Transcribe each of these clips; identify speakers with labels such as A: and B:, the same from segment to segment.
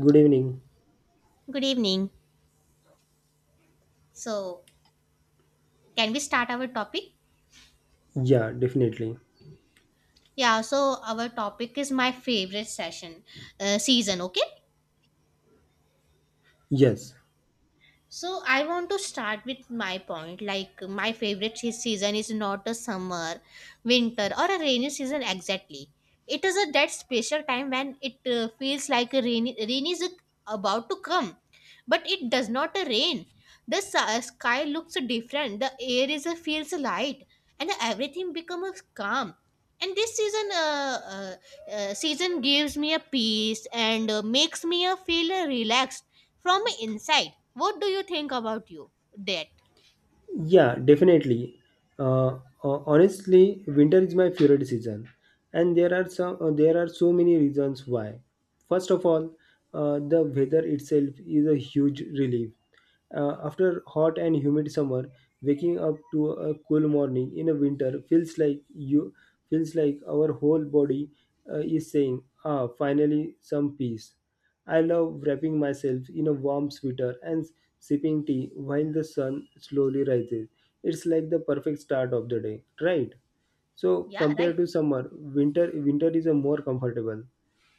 A: Good evening.
B: Good evening. So, can we start our topic?
A: Yeah, definitely.
B: Yeah, so our topic is my favorite session season, okay?
A: Yes.
B: So I want to start with my point. Like my favorite season is not a summer, winter, or a rainy season exactly. It is a that special time when it feels like a rain is about to come, but it does not rain. The sky looks different. The air is feels light, and everything becomes calm. And this season gives me a peace and makes me feel relaxed from inside. What do you think about you that?
A: Yeah, definitely. Uh, honestly, winter is my favorite season, and there are some there are so many reasons why. First of all, the weather itself is a huge relief. After hot and humid summer, waking up to a cool morning in a winter feels like you feels like our whole body is saying, "Ah, finally some peace." I love wrapping myself in a warm sweater and sipping tea while the sun slowly rises. It's like the perfect start of the day, right? So
B: Yeah, right.
A: compared to summer, winter is a more comfortable.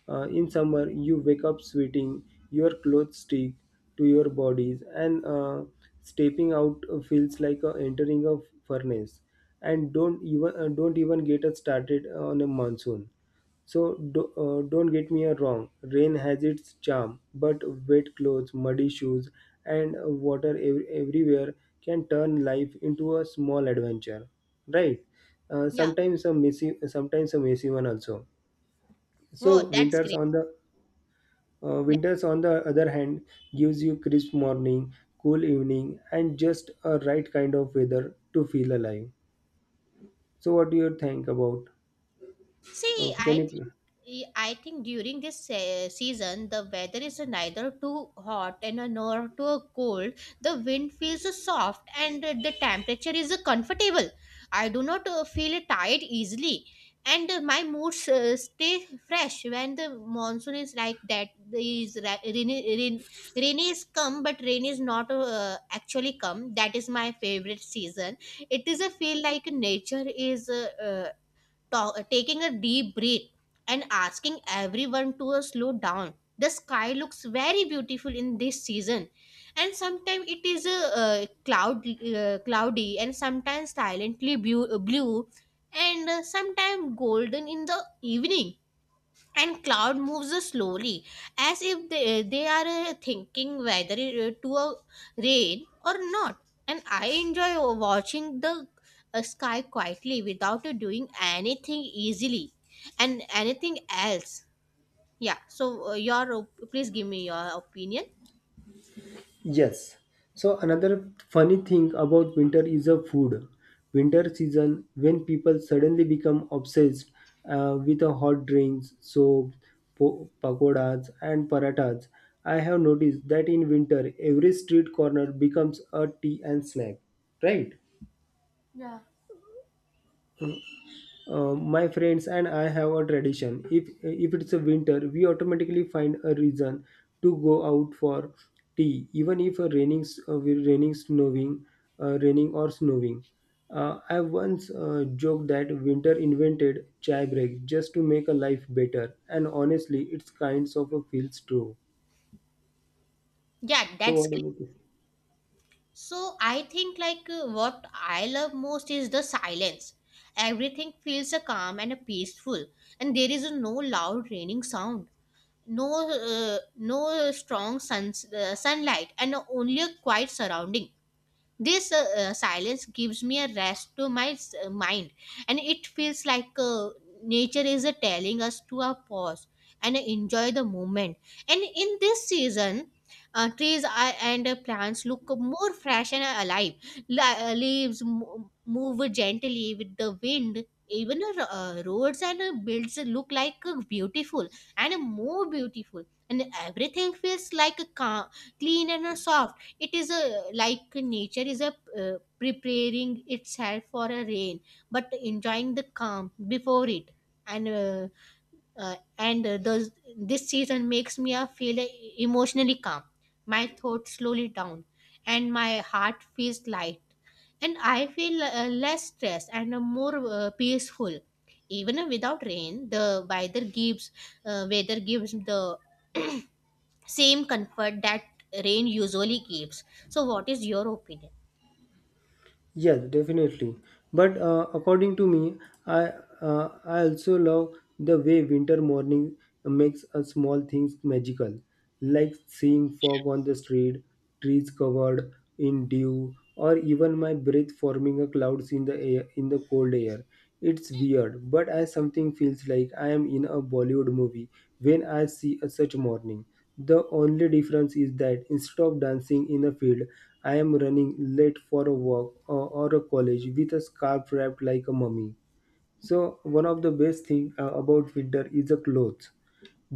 A: In summer, you wake up sweating, your clothes stick to your bodies, and stepping out feels like entering a furnace. And don't even get us started on a monsoon. So don't get me wrong, rain has its charm, but wet clothes, muddy shoes, and water everywhere can turn life into a small adventure, right?
B: Yeah.
A: Sometimes a messy one also.
B: Oh,
A: So
B: that's great.
A: winters on the other hand gives you crisp morning, cool evening, and just a right kind of weather to feel alive. So what do you think about?
B: See,
A: Can
B: I think
A: you?
B: I think during this season the weather is neither too hot and nor too cold. The wind feels soft and the temperature is comfortable. I do not feel tired easily, and my moods stay fresh when the monsoon is like that. Is rainy is come, but rain is not actually come. That is my favorite season. It is a feel like nature is taking a deep breath and asking everyone to slow down. The sky looks very beautiful in this season, and sometimes it is cloudy, and sometimes silently blue, and sometimes golden in the evening, and cloud moves slowly as if they are thinking whether to rain or not. And I enjoy watching the sky quietly without doing anything easily and anything else. So please give me your opinion.
A: Yes. So another funny thing about winter is a food. Winter season when people suddenly become obsessed with a hot drinks, soap, pakodas and parathas. I have noticed that in winter every street corner becomes a tea and snack, right? My friends and I have a tradition. If it's a winter, we automatically find a reason to go out for tea, even if a raining, s- we- raining, snowing, raining or snowing. I once joked that winter invented chai break just to make a life better, and honestly, it's kinds of a feels true.
B: Yeah,
A: So
B: that's
A: what
B: great.
A: about you?
B: So I think what I love most is the silence. Everything feels calm and peaceful, and there is no loud raining sound, no strong sunlight, and only a quiet surrounding. This silence gives me a rest to my mind, and it feels like nature is telling us to pause and enjoy the moment. And in this season, trees and plants look more fresh and alive. Leaves move gently with the wind. Even roads and builds look like beautiful and more beautiful, and everything feels like a clean and soft. It is a like nature is a preparing itself for a rain, but enjoying the calm before it. And uh, uh, and uh, those, this season makes me feel emotionally calm. My thoughts slowly down, and my heart feels light, and I feel less stressed and more peaceful. Even without rain, the weather gives the same comfort that rain usually gives. So what is your opinion?
A: Yes, definitely. But according to me, I I also love the way winter morning makes a small things magical, like seeing fog on the street, trees covered in dew, or even my breath forming a clouds in the air in the cold air. It's weird, but I something feels like I am in a Bollywood movie when I see a such morning. The only difference is that instead of dancing in a field, I am running late for a walk or a college with a scarf wrapped like a mummy. So one of the best thing about winter is the clothes.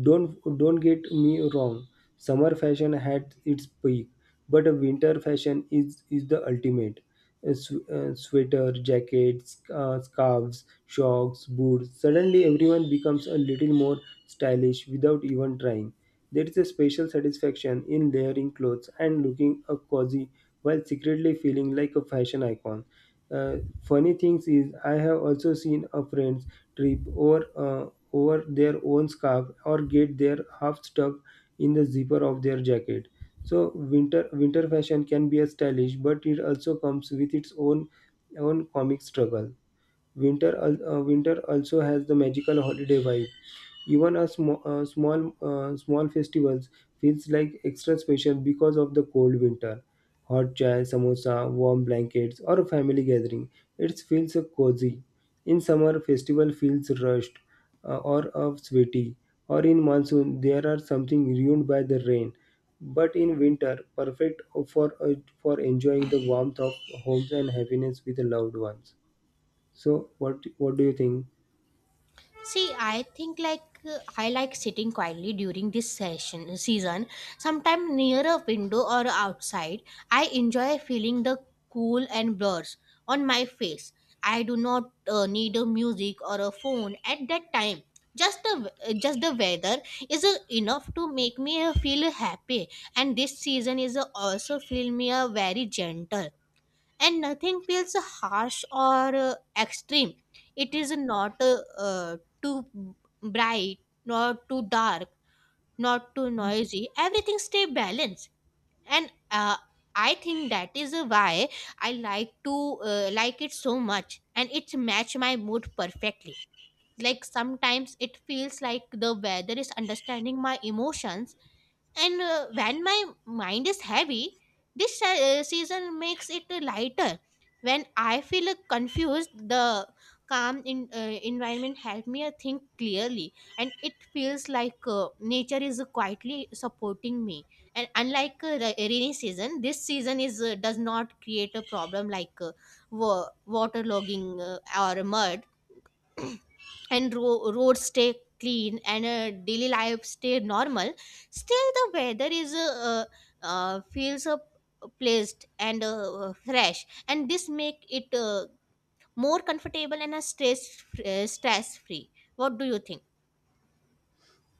A: Don't get me wrong. Summer fashion had its peak, but winter fashion is the ultimate. A sweater, jackets, scarves, shocks, boots. Suddenly, everyone becomes a little more stylish without even trying. There is a special satisfaction in layering clothes and looking a cozy while secretly feeling like a fashion icon. Funny things is I have also seen a friend's trip over their own scarf or get their half stuck in the zipper of their jacket. So winter fashion can be a stylish, but it also comes with its own comic struggle. Winter also has the magical holiday vibe. Even a small festivals feels like extra special because of the cold winter. Hot chai, samosa, warm blankets, or a family gathering. It feels cozy. In summer, festival feels rushed or sweaty. Or in monsoon, there are something ruined by the rain. But in winter, perfect for enjoying the warmth of homes and happiness with the loved ones. So what do you think?
B: See, I think I like sitting quietly during this session season, sometime near a window or outside. I enjoy feeling the cool and blurs on my face. I do not need a music or a phone at that time. Just the weather is enough to make me feel happy. And this season is also feel me very gentle, and nothing feels harsh or extreme. It is not too bright, nor too dark, not too noisy. Everything stay balanced, and I think that is why I like to like it so much, and it match my mood perfectly. Like sometimes it feels like the weather is understanding my emotions, and when my mind is heavy, this season makes it lighter. When I feel confused, the calm environment help me think clearly, and it feels like nature is quietly supporting me. And unlike rainy season, this season is does not create a problem like waterlogging or mud and roads stay clean, and daily life stay normal. Still the weather is feels placed and fresh, and this make it more comfortable and stress free. What do you think?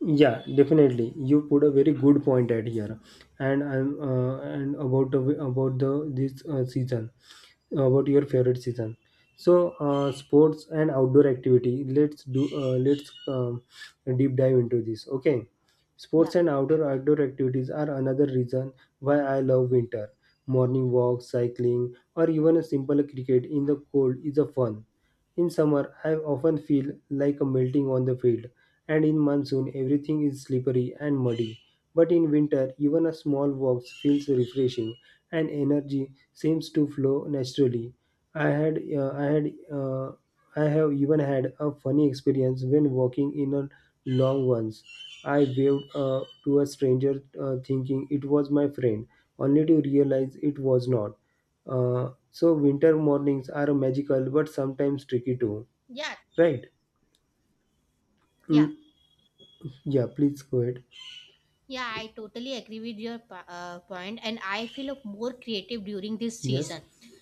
A: Yeah, definitely. You put a very good point at here, and I'm and about the this season, about your favorite season. So, sports and outdoor activity. Let's do. Let's deep dive into this. Okay, sports
B: Yeah,
A: and outdoor activities are another reason why I love winter. Morning walks, cycling, or even a simple cricket in the cold is a fun. In summer, I often feel like a melting on the field and in monsoon everything is slippery and muddy. But in winter, even a small walk feels refreshing, and energy seems to flow naturally. I had, uh, I had, uh, I have even had a funny experience when walking in a long once. I waved to a stranger, thinking it was my friend, only to realize it was not. So winter mornings are magical, but sometimes tricky too,
B: yeah,
A: right?
B: yeah.
A: Mm, yeah, please go ahead.
B: Yeah, I totally agree with your point, and I feel more creative during this
A: Yes,
B: season.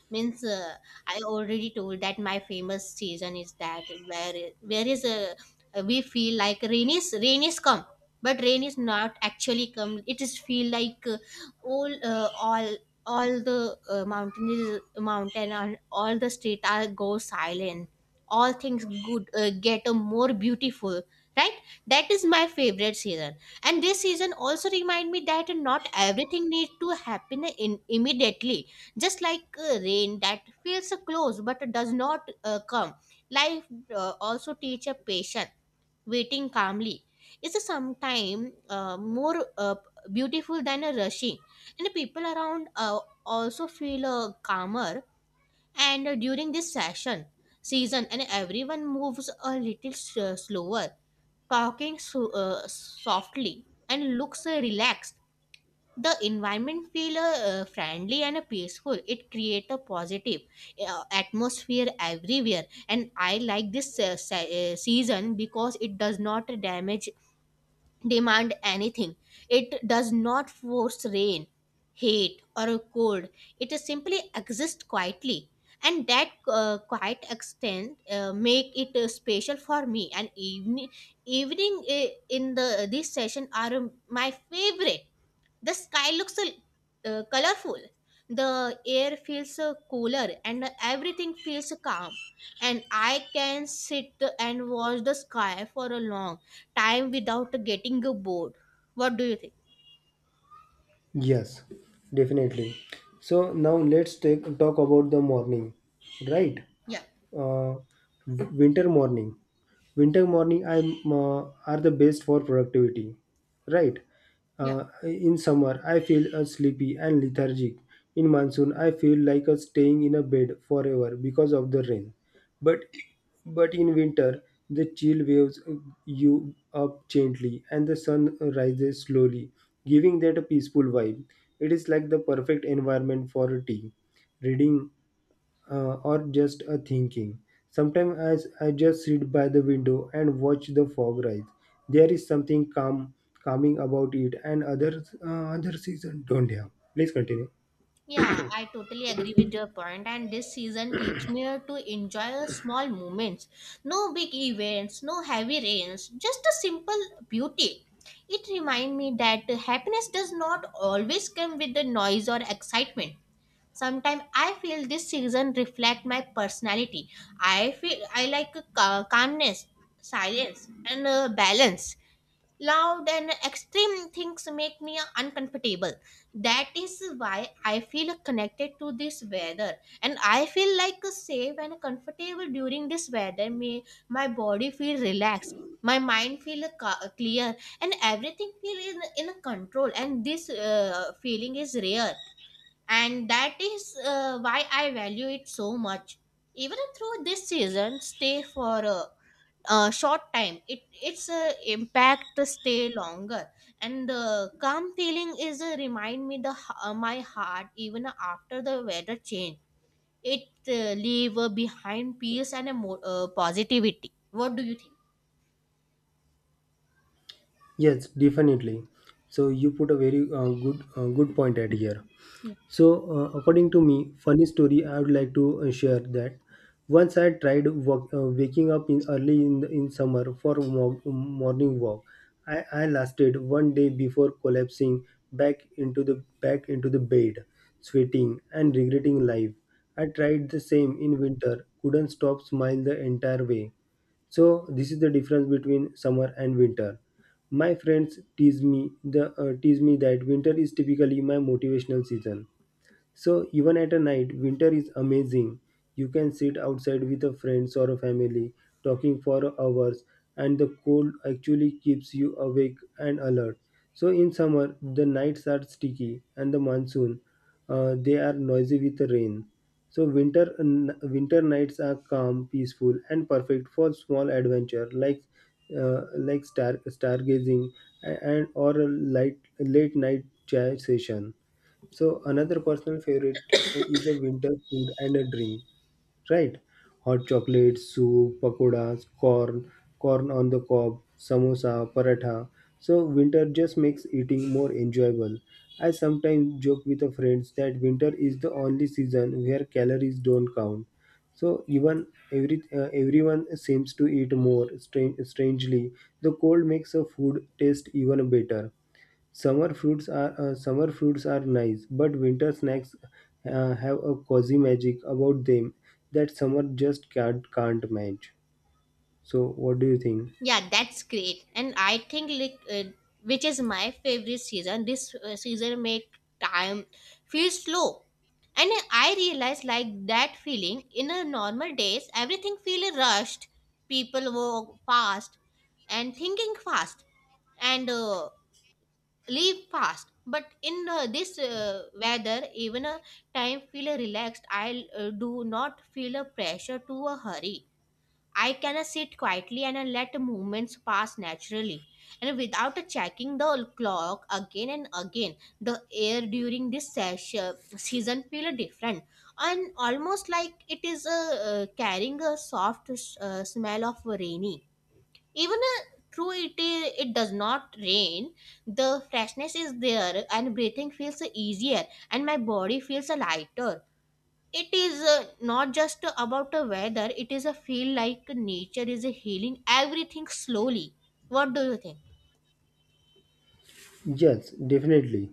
B: Means I already told that my famous season is that where is a we feel like rain is come, but rain is not actually come. It is feel like all uh, all all the mountain and all the street are go silent. All things good get a more beautiful, right? That is my favorite season, and this season also remind me that not everything needs to happen in immediately. Just like rain that feels close but does not come, life also teach a patient. Waiting calmly is sometimes more beautiful than a rushing, and the people around also feel calmer, and during this session season, and everyone moves a little slower, talking softly and looks relaxed. The environment feel friendly and peaceful. It create a positive atmosphere everywhere, and I like this season because it does not damage demand anything. It does not force rain, hate, or a cold. It is simply exists quietly, and that quiet extent make it special for me. And evening in the this session are my favorite. The sky looks colorful. The air feels cooler, and everything feels calm. And I can sit and watch the sky for a long time without getting bored. What do you think?
A: yes, definitely. So now let's take talk about the morning, right?
B: Yeah,
A: Uh, Winter morning. Winter morning I'm are the best for productivity, right?
B: yeah.
A: In summer, I feel sleepy and lethargic. In monsoon, I feel like staying in a bed forever because of the rain. But but in winter, the chill waves you up gently and the sun rises slowly, giving that a peaceful vibe. It is like the perfect environment for a tea, reading, or just a thinking. Sometimes as I just sit by the window and watch the fog rise, there is something calming about it, and other season don't have. Please continue.
B: Yeah, I totally agree with your point, and this season teach me to enjoy the small moments. No big events, no heavy rains, just a simple beauty. It reminds me that happiness does not always come with the noise or excitement. Sometimes I feel this season reflect my personality. I feel I like calmness, silence, and balance. Loud and extreme things make me uncomfortable. That is why I feel connected to this weather, and I feel like safe and comfortable during this weather. Me, my body feel relaxed, my mind feel clear, and everything feel in control. And this feeling is rare, and that is why I value it so much. Even through this season, stay for a short time, it its impact stay longer, and the calm feeling is remind me the my heart even after the weather change. It leave behind peace and a positivity. What do you think?
A: Yes, definitely. So you put a very good point at here. So according to me, funny story I would like to share that once I tried waking up in early in summer for morning walk. I lasted one day before collapsing back into the bed, sweating and regretting life. I tried the same in winter, couldn't stop smile the entire way. So this is the difference between summer and winter. My friends tease me that winter is typically my motivational season so even at a night, winter is amazing. You can sit outside with a friends or a family, talking for hours, and the cold actually keeps you awake and alert. So in summer, the nights are sticky, and the monsoon, they are noisy with the rain. So winter nights are calm, peaceful, and perfect for small adventure like stargazing and or a light late night chat session. So another personal favorite is a winter food and a drink, right? Hot chocolate, soup, pakoras, corn on the cob, samosa, paratha. So winter just makes eating more enjoyable. I sometimes joke with the friends that winter is the only season where calories don't count. So even everyone seems to eat more. Strangely, the cold makes a food taste even better. Summer fruits are nice, but winter snacks have a cozy magic about them that summer just can't match. So, what do you think?
B: Yeah, that's great. And I think which is my favorite season. This season make time feel slow. And I realize like that feeling in a normal days, everything feel rushed. People walk fast and thinking fast and leave fast. But in this weather, even a time feel relaxed. I do not feel a pressure to a hurry. I can sit quietly and let moments pass naturally, and without checking the clock again and again, the air during this season feels different, and almost like it is carrying a soft smell of rainy. Even though it does not rain, the freshness is there, and breathing feels easier, and my body feels lighter. It is not just about the weather. It is a feel like nature is healing everything slowly. What do you think?
A: Yes, definitely,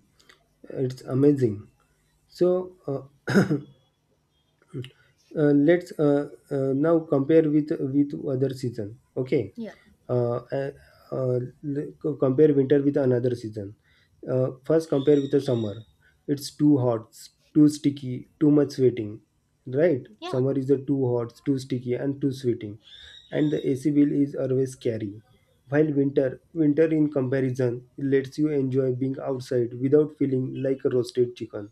A: it's amazing. So, let's now compare with other season. Okay,
B: Yeah.
A: uh, uh, uh, compare winter with another season. Uh, first, compare with the summer. It's too hot, too sticky, too much sweating, right?
B: Yeah,
A: Summer is the too hot, too sticky, and too sweating, and the AC bill is always scary, while winter in comparison lets you enjoy being outside without feeling like a roasted chicken.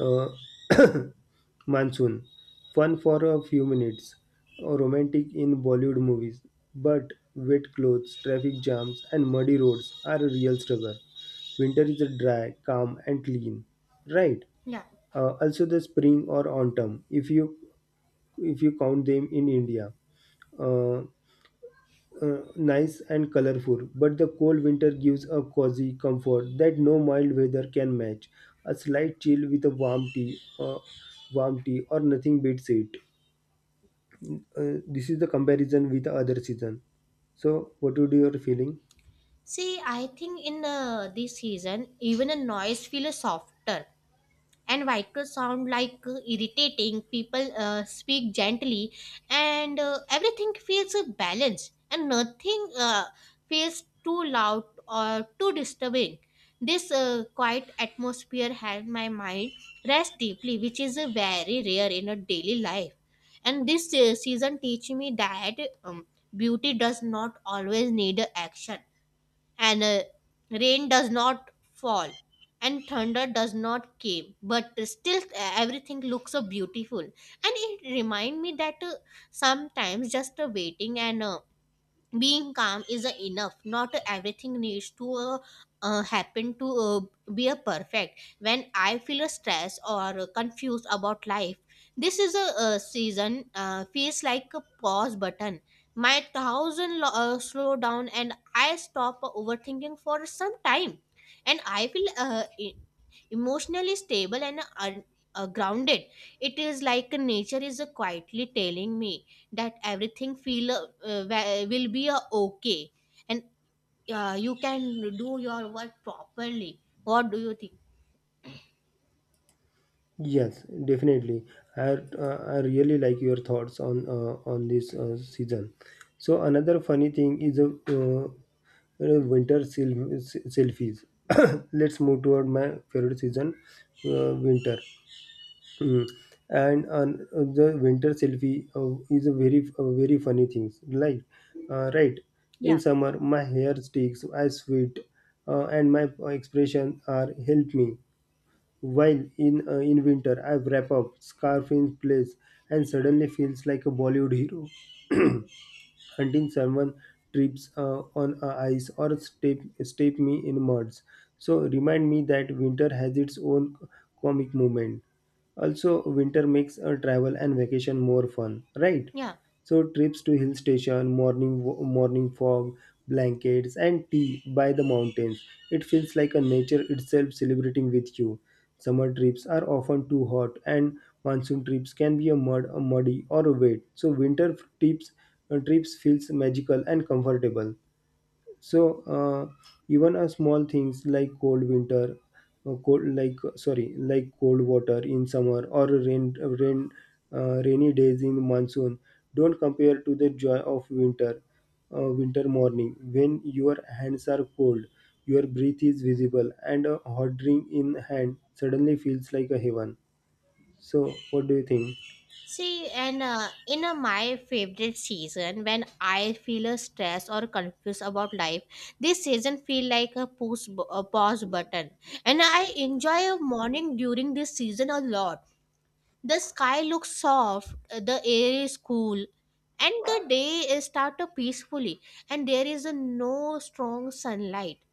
A: uh, Monsoon. Fun for a few minutes. Oh, romantic in Bollywood movies. But wet clothes, traffic jams, and muddy roads are a real struggle. Winter is dry, calm, and clean. Right.
B: yeah.
A: Also the spring or autumn, if you count them in India. Uh, Nice and colorful, but the cold winter gives a cozy comfort that no mild weather can match. A slight chill with a warm tea, or nothing beats it. This is the comparison with the other season. So, what would your feeling?
B: See, I think in this season even a noise feels softer, and vehicles sound like irritating people speak gently, and everything feels balanced and nothing feels too loud or too disturbing. This quiet atmosphere has my mind rest deeply, which is very rare in a daily life. And this season teach me that um, beauty does not always need action. And rain does not fall and thunder does not came, but still everything looks so beautiful. And it remind me that sometimes just waiting and being calm isn't enough. Not everything needs to happen to be a perfect. When I feel stressed or confused about life, this is a, season feels like a pause button. My slow down and I stop overthinking for some time. And I feel emotionally stable and un- grounded. It is like nature is quietly telling me that everything feel will be okay. And you can do your work properly. What do you think?
A: Yes, definitely. I I really like your thoughts on this season. So another funny thing is winter selfies. Let's move toward my favorite season, winter. Hmm. And an- the winter selfie is a very funny thing. Like, right,
B: Yeah,
A: in summer my hair sticks, I sweat, and my expression are help me. While in winter I wrap up, scarf in place, and suddenly feels like a Bollywood hero until someone trips on a ice or step me in muds. So remind me that winter has its own comic moment. Also, winter makes travel and vacation more fun, right?
B: yeah.
A: So trips to hill station, morning fog, blankets and tea by the mountains. It feels like a nature itself celebrating with you. Summer trips are often too hot, and monsoon trips can be a muddy or a wet. So winter trips feels magical and comfortable. So uh, even a small things like cold winter, cold like sorry, like cold water in summer or rainy days in monsoon don't compare to the joy of winter morning when your hands are cold, your breath is visible, and a hot drink in hand suddenly feels like a heaven. So what do you think?
B: See, and in my favorite season, when I feel stressed or confused about life, this season feel like a a pause button. And I enjoy a morning during this season a lot. The sky looks soft, the air is cool, and the day is started peacefully, and there is a no strong sunlight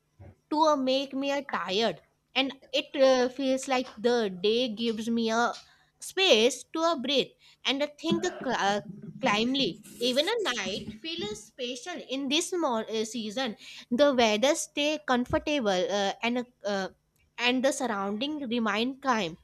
B: to a make me a tired. And it feels like the day gives me a space to a breathe and a think climbly. Even a night feels special in this season. The weather stay comfortable and and the surrounding remain calm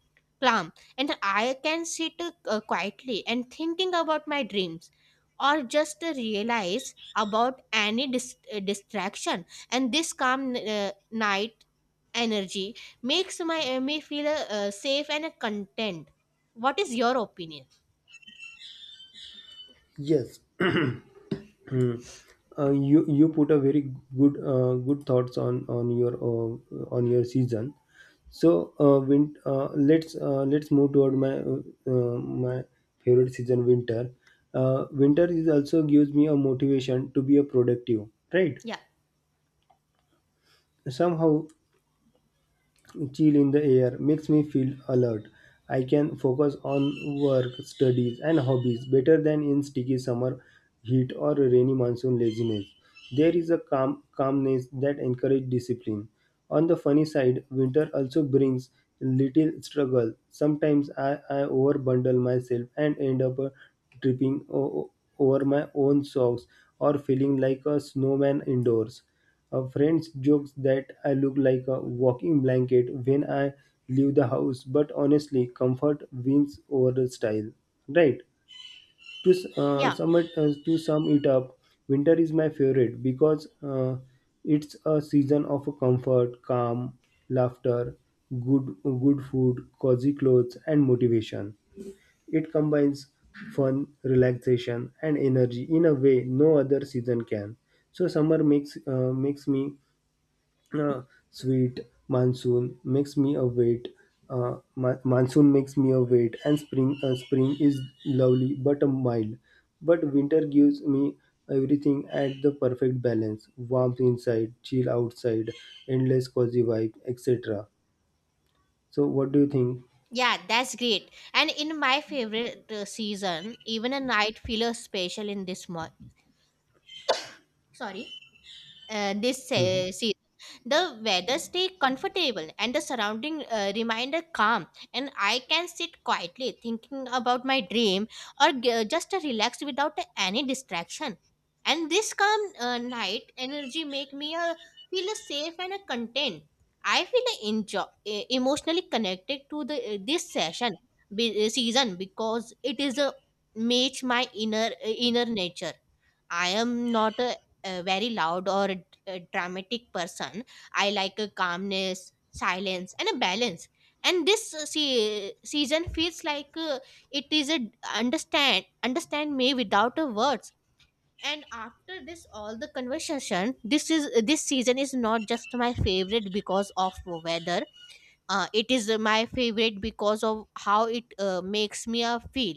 B: calm And I can sit quietly and thinking about my dreams, or just realize about any distraction. And this calm night energy makes my me feel safe and content. What is your opinion?
A: Yes. Hmm. You put a very good thoughts on your on your season. Let's move toward my uh, my favorite season winter. Winter is also gives me a motivation to be a productive. Right?
B: Yeah,
A: Somehow chill in the air makes me feel alert. I can focus on work, studies, and hobbies better than in sticky summer heat or rainy monsoon laziness. There is a calmness that encourages discipline. On the funny side, winter also brings little struggle. Sometimes I overbundle myself and end up tripping over my own socks or feeling like a snowman indoors. A friend jokes that I look like a walking blanket when I leave the house, but honestly, comfort wins over the style. Right? To s-
B: yeah,
A: sum it to sum it up, winter is my favorite because it's a season of comfort, calm, laughter, good food, cozy clothes, and motivation. It combines fun, relaxation, and energy in a way no other season can. So summer makes me uh, sweet, monsoon makes me await, monsoon makes me await, and spring is lovely but a mild, but winter gives me everything at the perfect balance, warmth inside, chill outside, endless cozy vibe, etc. So what do you think?
B: yeah, that's great. And in my favorite season, even a night feel special in this month. Sorry, this
A: Mhm.
B: season. The weather stay comfortable, and the surrounding reminder calm, and I can sit quietly thinking about my dream, or just relax without any distraction. And this calm night energy make me feel safe and content. I feel enjoy, emotionally connected to the eh, this session season, because it is a match my inner inner nature. I am not a, a very loud or a dramatic person. I like a calmness, silence, and a balance. And this season feels like it is a understand me without a words. And after this, all the conversation, this season is not just my favorite because of weather. It is my favorite because of how it makes me feel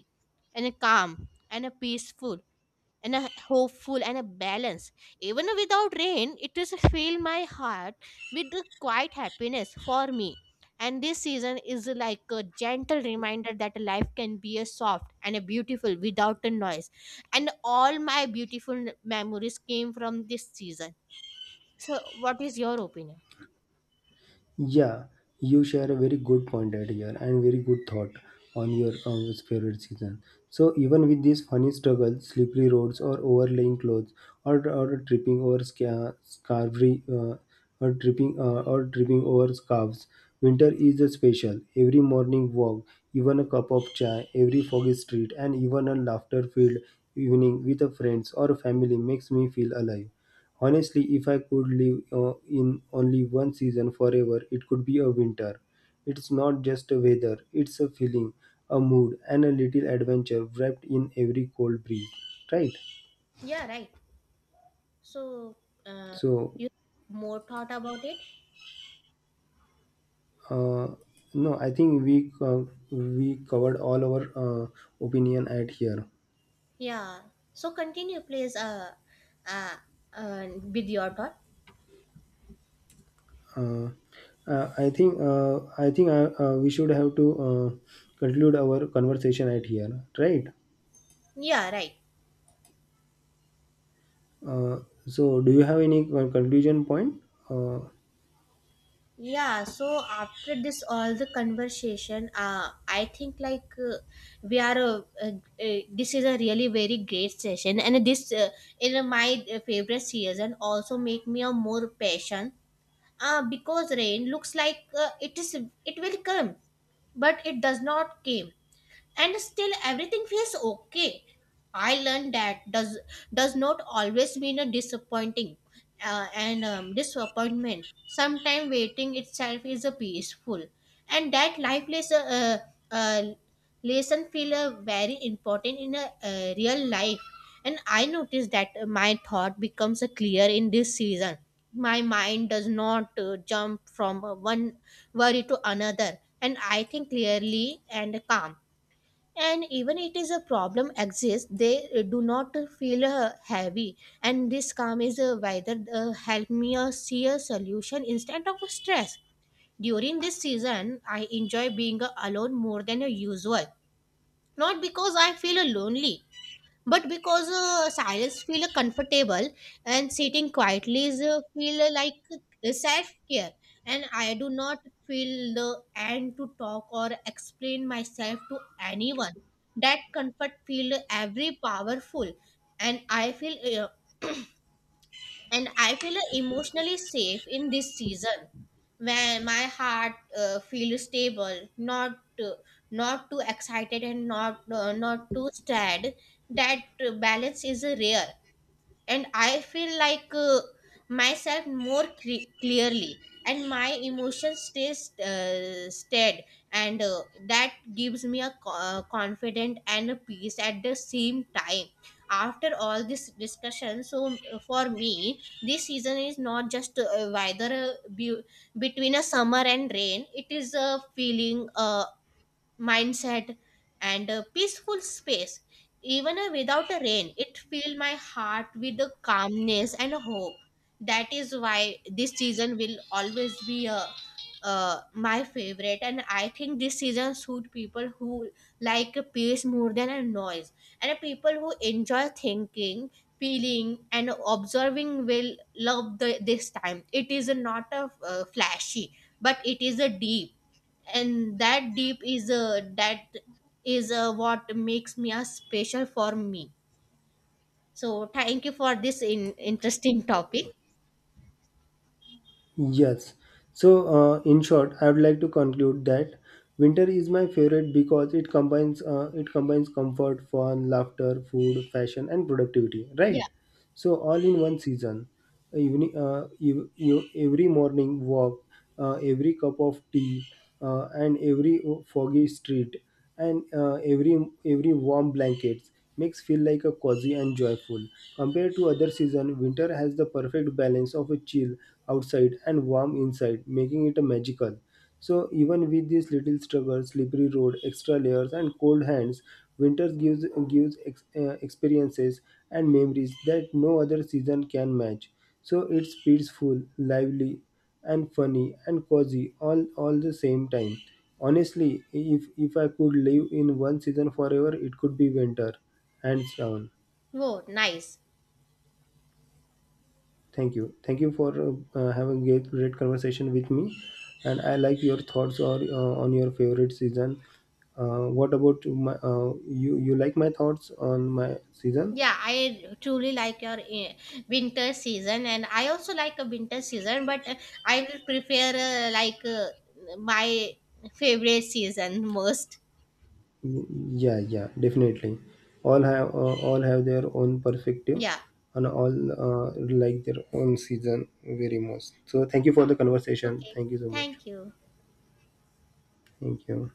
B: and calm and peaceful and a hopeful and a balance. Even without rain, it is fill my heart with the quiet happiness for me. And this season is like a gentle reminder that life can be a soft and a beautiful without a noise. And all my beautiful memories came from this season. So, what is your opinion?
A: Yeah, you share a very good point right here and very good thought on your favorite season. So even with these funny struggles, slippery roads, or overlaying clothes, or tripping over sca- scarvery, or tripping over scarves, winter is a special. Every morning walk, even a cup of chai, every foggy street, and even a laughter-filled evening with a friends or family makes me feel alive. Honestly, if I could live in only one season forever, it could be a winter. It's not just a weather, it's a feeling, a mood, and a little adventure wrapped in every cold breeze, right?
B: Yeah, right. So, uh,
A: So,
B: you more thought about it?
A: uh, no, I think we covered all our opinion at here.
B: Yeah. So continue, please. Uh, with your thought.
A: Uh, I think We should have to conclude our conversation at here, right?
B: Yeah, right.
A: Uh, so, do you have any conclusion point? Uh,
B: Yeah, so after this all the conversation, I think like we are this is a really very great session, and this in my favorite season also make me a more passion. Because rain looks like it is it will come, but it does not came and still everything feels okay. I learned that does not always mean a disappointing and disappointment. Sometimes waiting itself is a peaceful, and that life uh, lesson feel very important in a real life. And I noticed that my thought becomes clear in this season. My mind does not jump from one worry to another, and I think clearly and calm. And even it is a problem exists, they do not feel heavy, and this calm is whether help me see a solution instead of stress. During this season, I enjoy being alone more than usual, not because I feel lonely, but because silence feel comfortable. And sitting quietly is feel like self care, and I do not feel the end to talk or explain myself to anyone. That comfort feel every powerful. And I feel uh, and I feel emotionally safe in this season, when my heart feels stable, not not too excited and not too sad. That balance is rare, and I feel like myself more clearly, and my emotions stays stead. And that gives me a confident and a peace at the same time. After all this discussion, so for me, this season is not just weather between a summer and rain. It is a feeling, mindset, and a peaceful space. Even without a rain, it filled my heart with a calmness and a hope. That is why this season will always be a my favorite. And I think this season suit people who like peace more than a noise, and people who enjoy thinking, feeling and observing will love this time. It is not a flashy, but it is a deep. And that is what makes me a special for me. So thank you for this interesting topic.
A: Yes. So, in short, I would like to conclude that winter is my favorite because it combines comfort, fun, laughter, food, fashion, and productivity.
B: Yeah.
A: Right. So all in one season. Evening, every morning walk, every cup of tea, and every foggy street, and every every warm blankets makes feel like a cozy and joyful. Compared to other season, winter has the perfect balance of a chill outside and warm inside, making it magical. So even with these little struggles, slippery road, extra layers, and cold hands, winters experiences and memories that no other season can match. So it's peaceful, lively, and funny and cozy all the same time. Honestly, if I could live in one season forever, it could be winter, hands down.
B: Oh nice.
A: Thank you. Thank you for having a great conversation with me. And I like your thoughts or on your favorite season. What about my you? You like my thoughts on my season?
B: Yeah, I truly like your winter season, and I also like a winter season, but I will prefer my favorite season most.
A: Yeah, yeah, definitely. All have their own perspective,
B: Yeah.
A: and all uh, like their own season very much. So thank you for the conversation.
B: Okay,
A: Thank you so much.
B: thank you.
A: Thank you.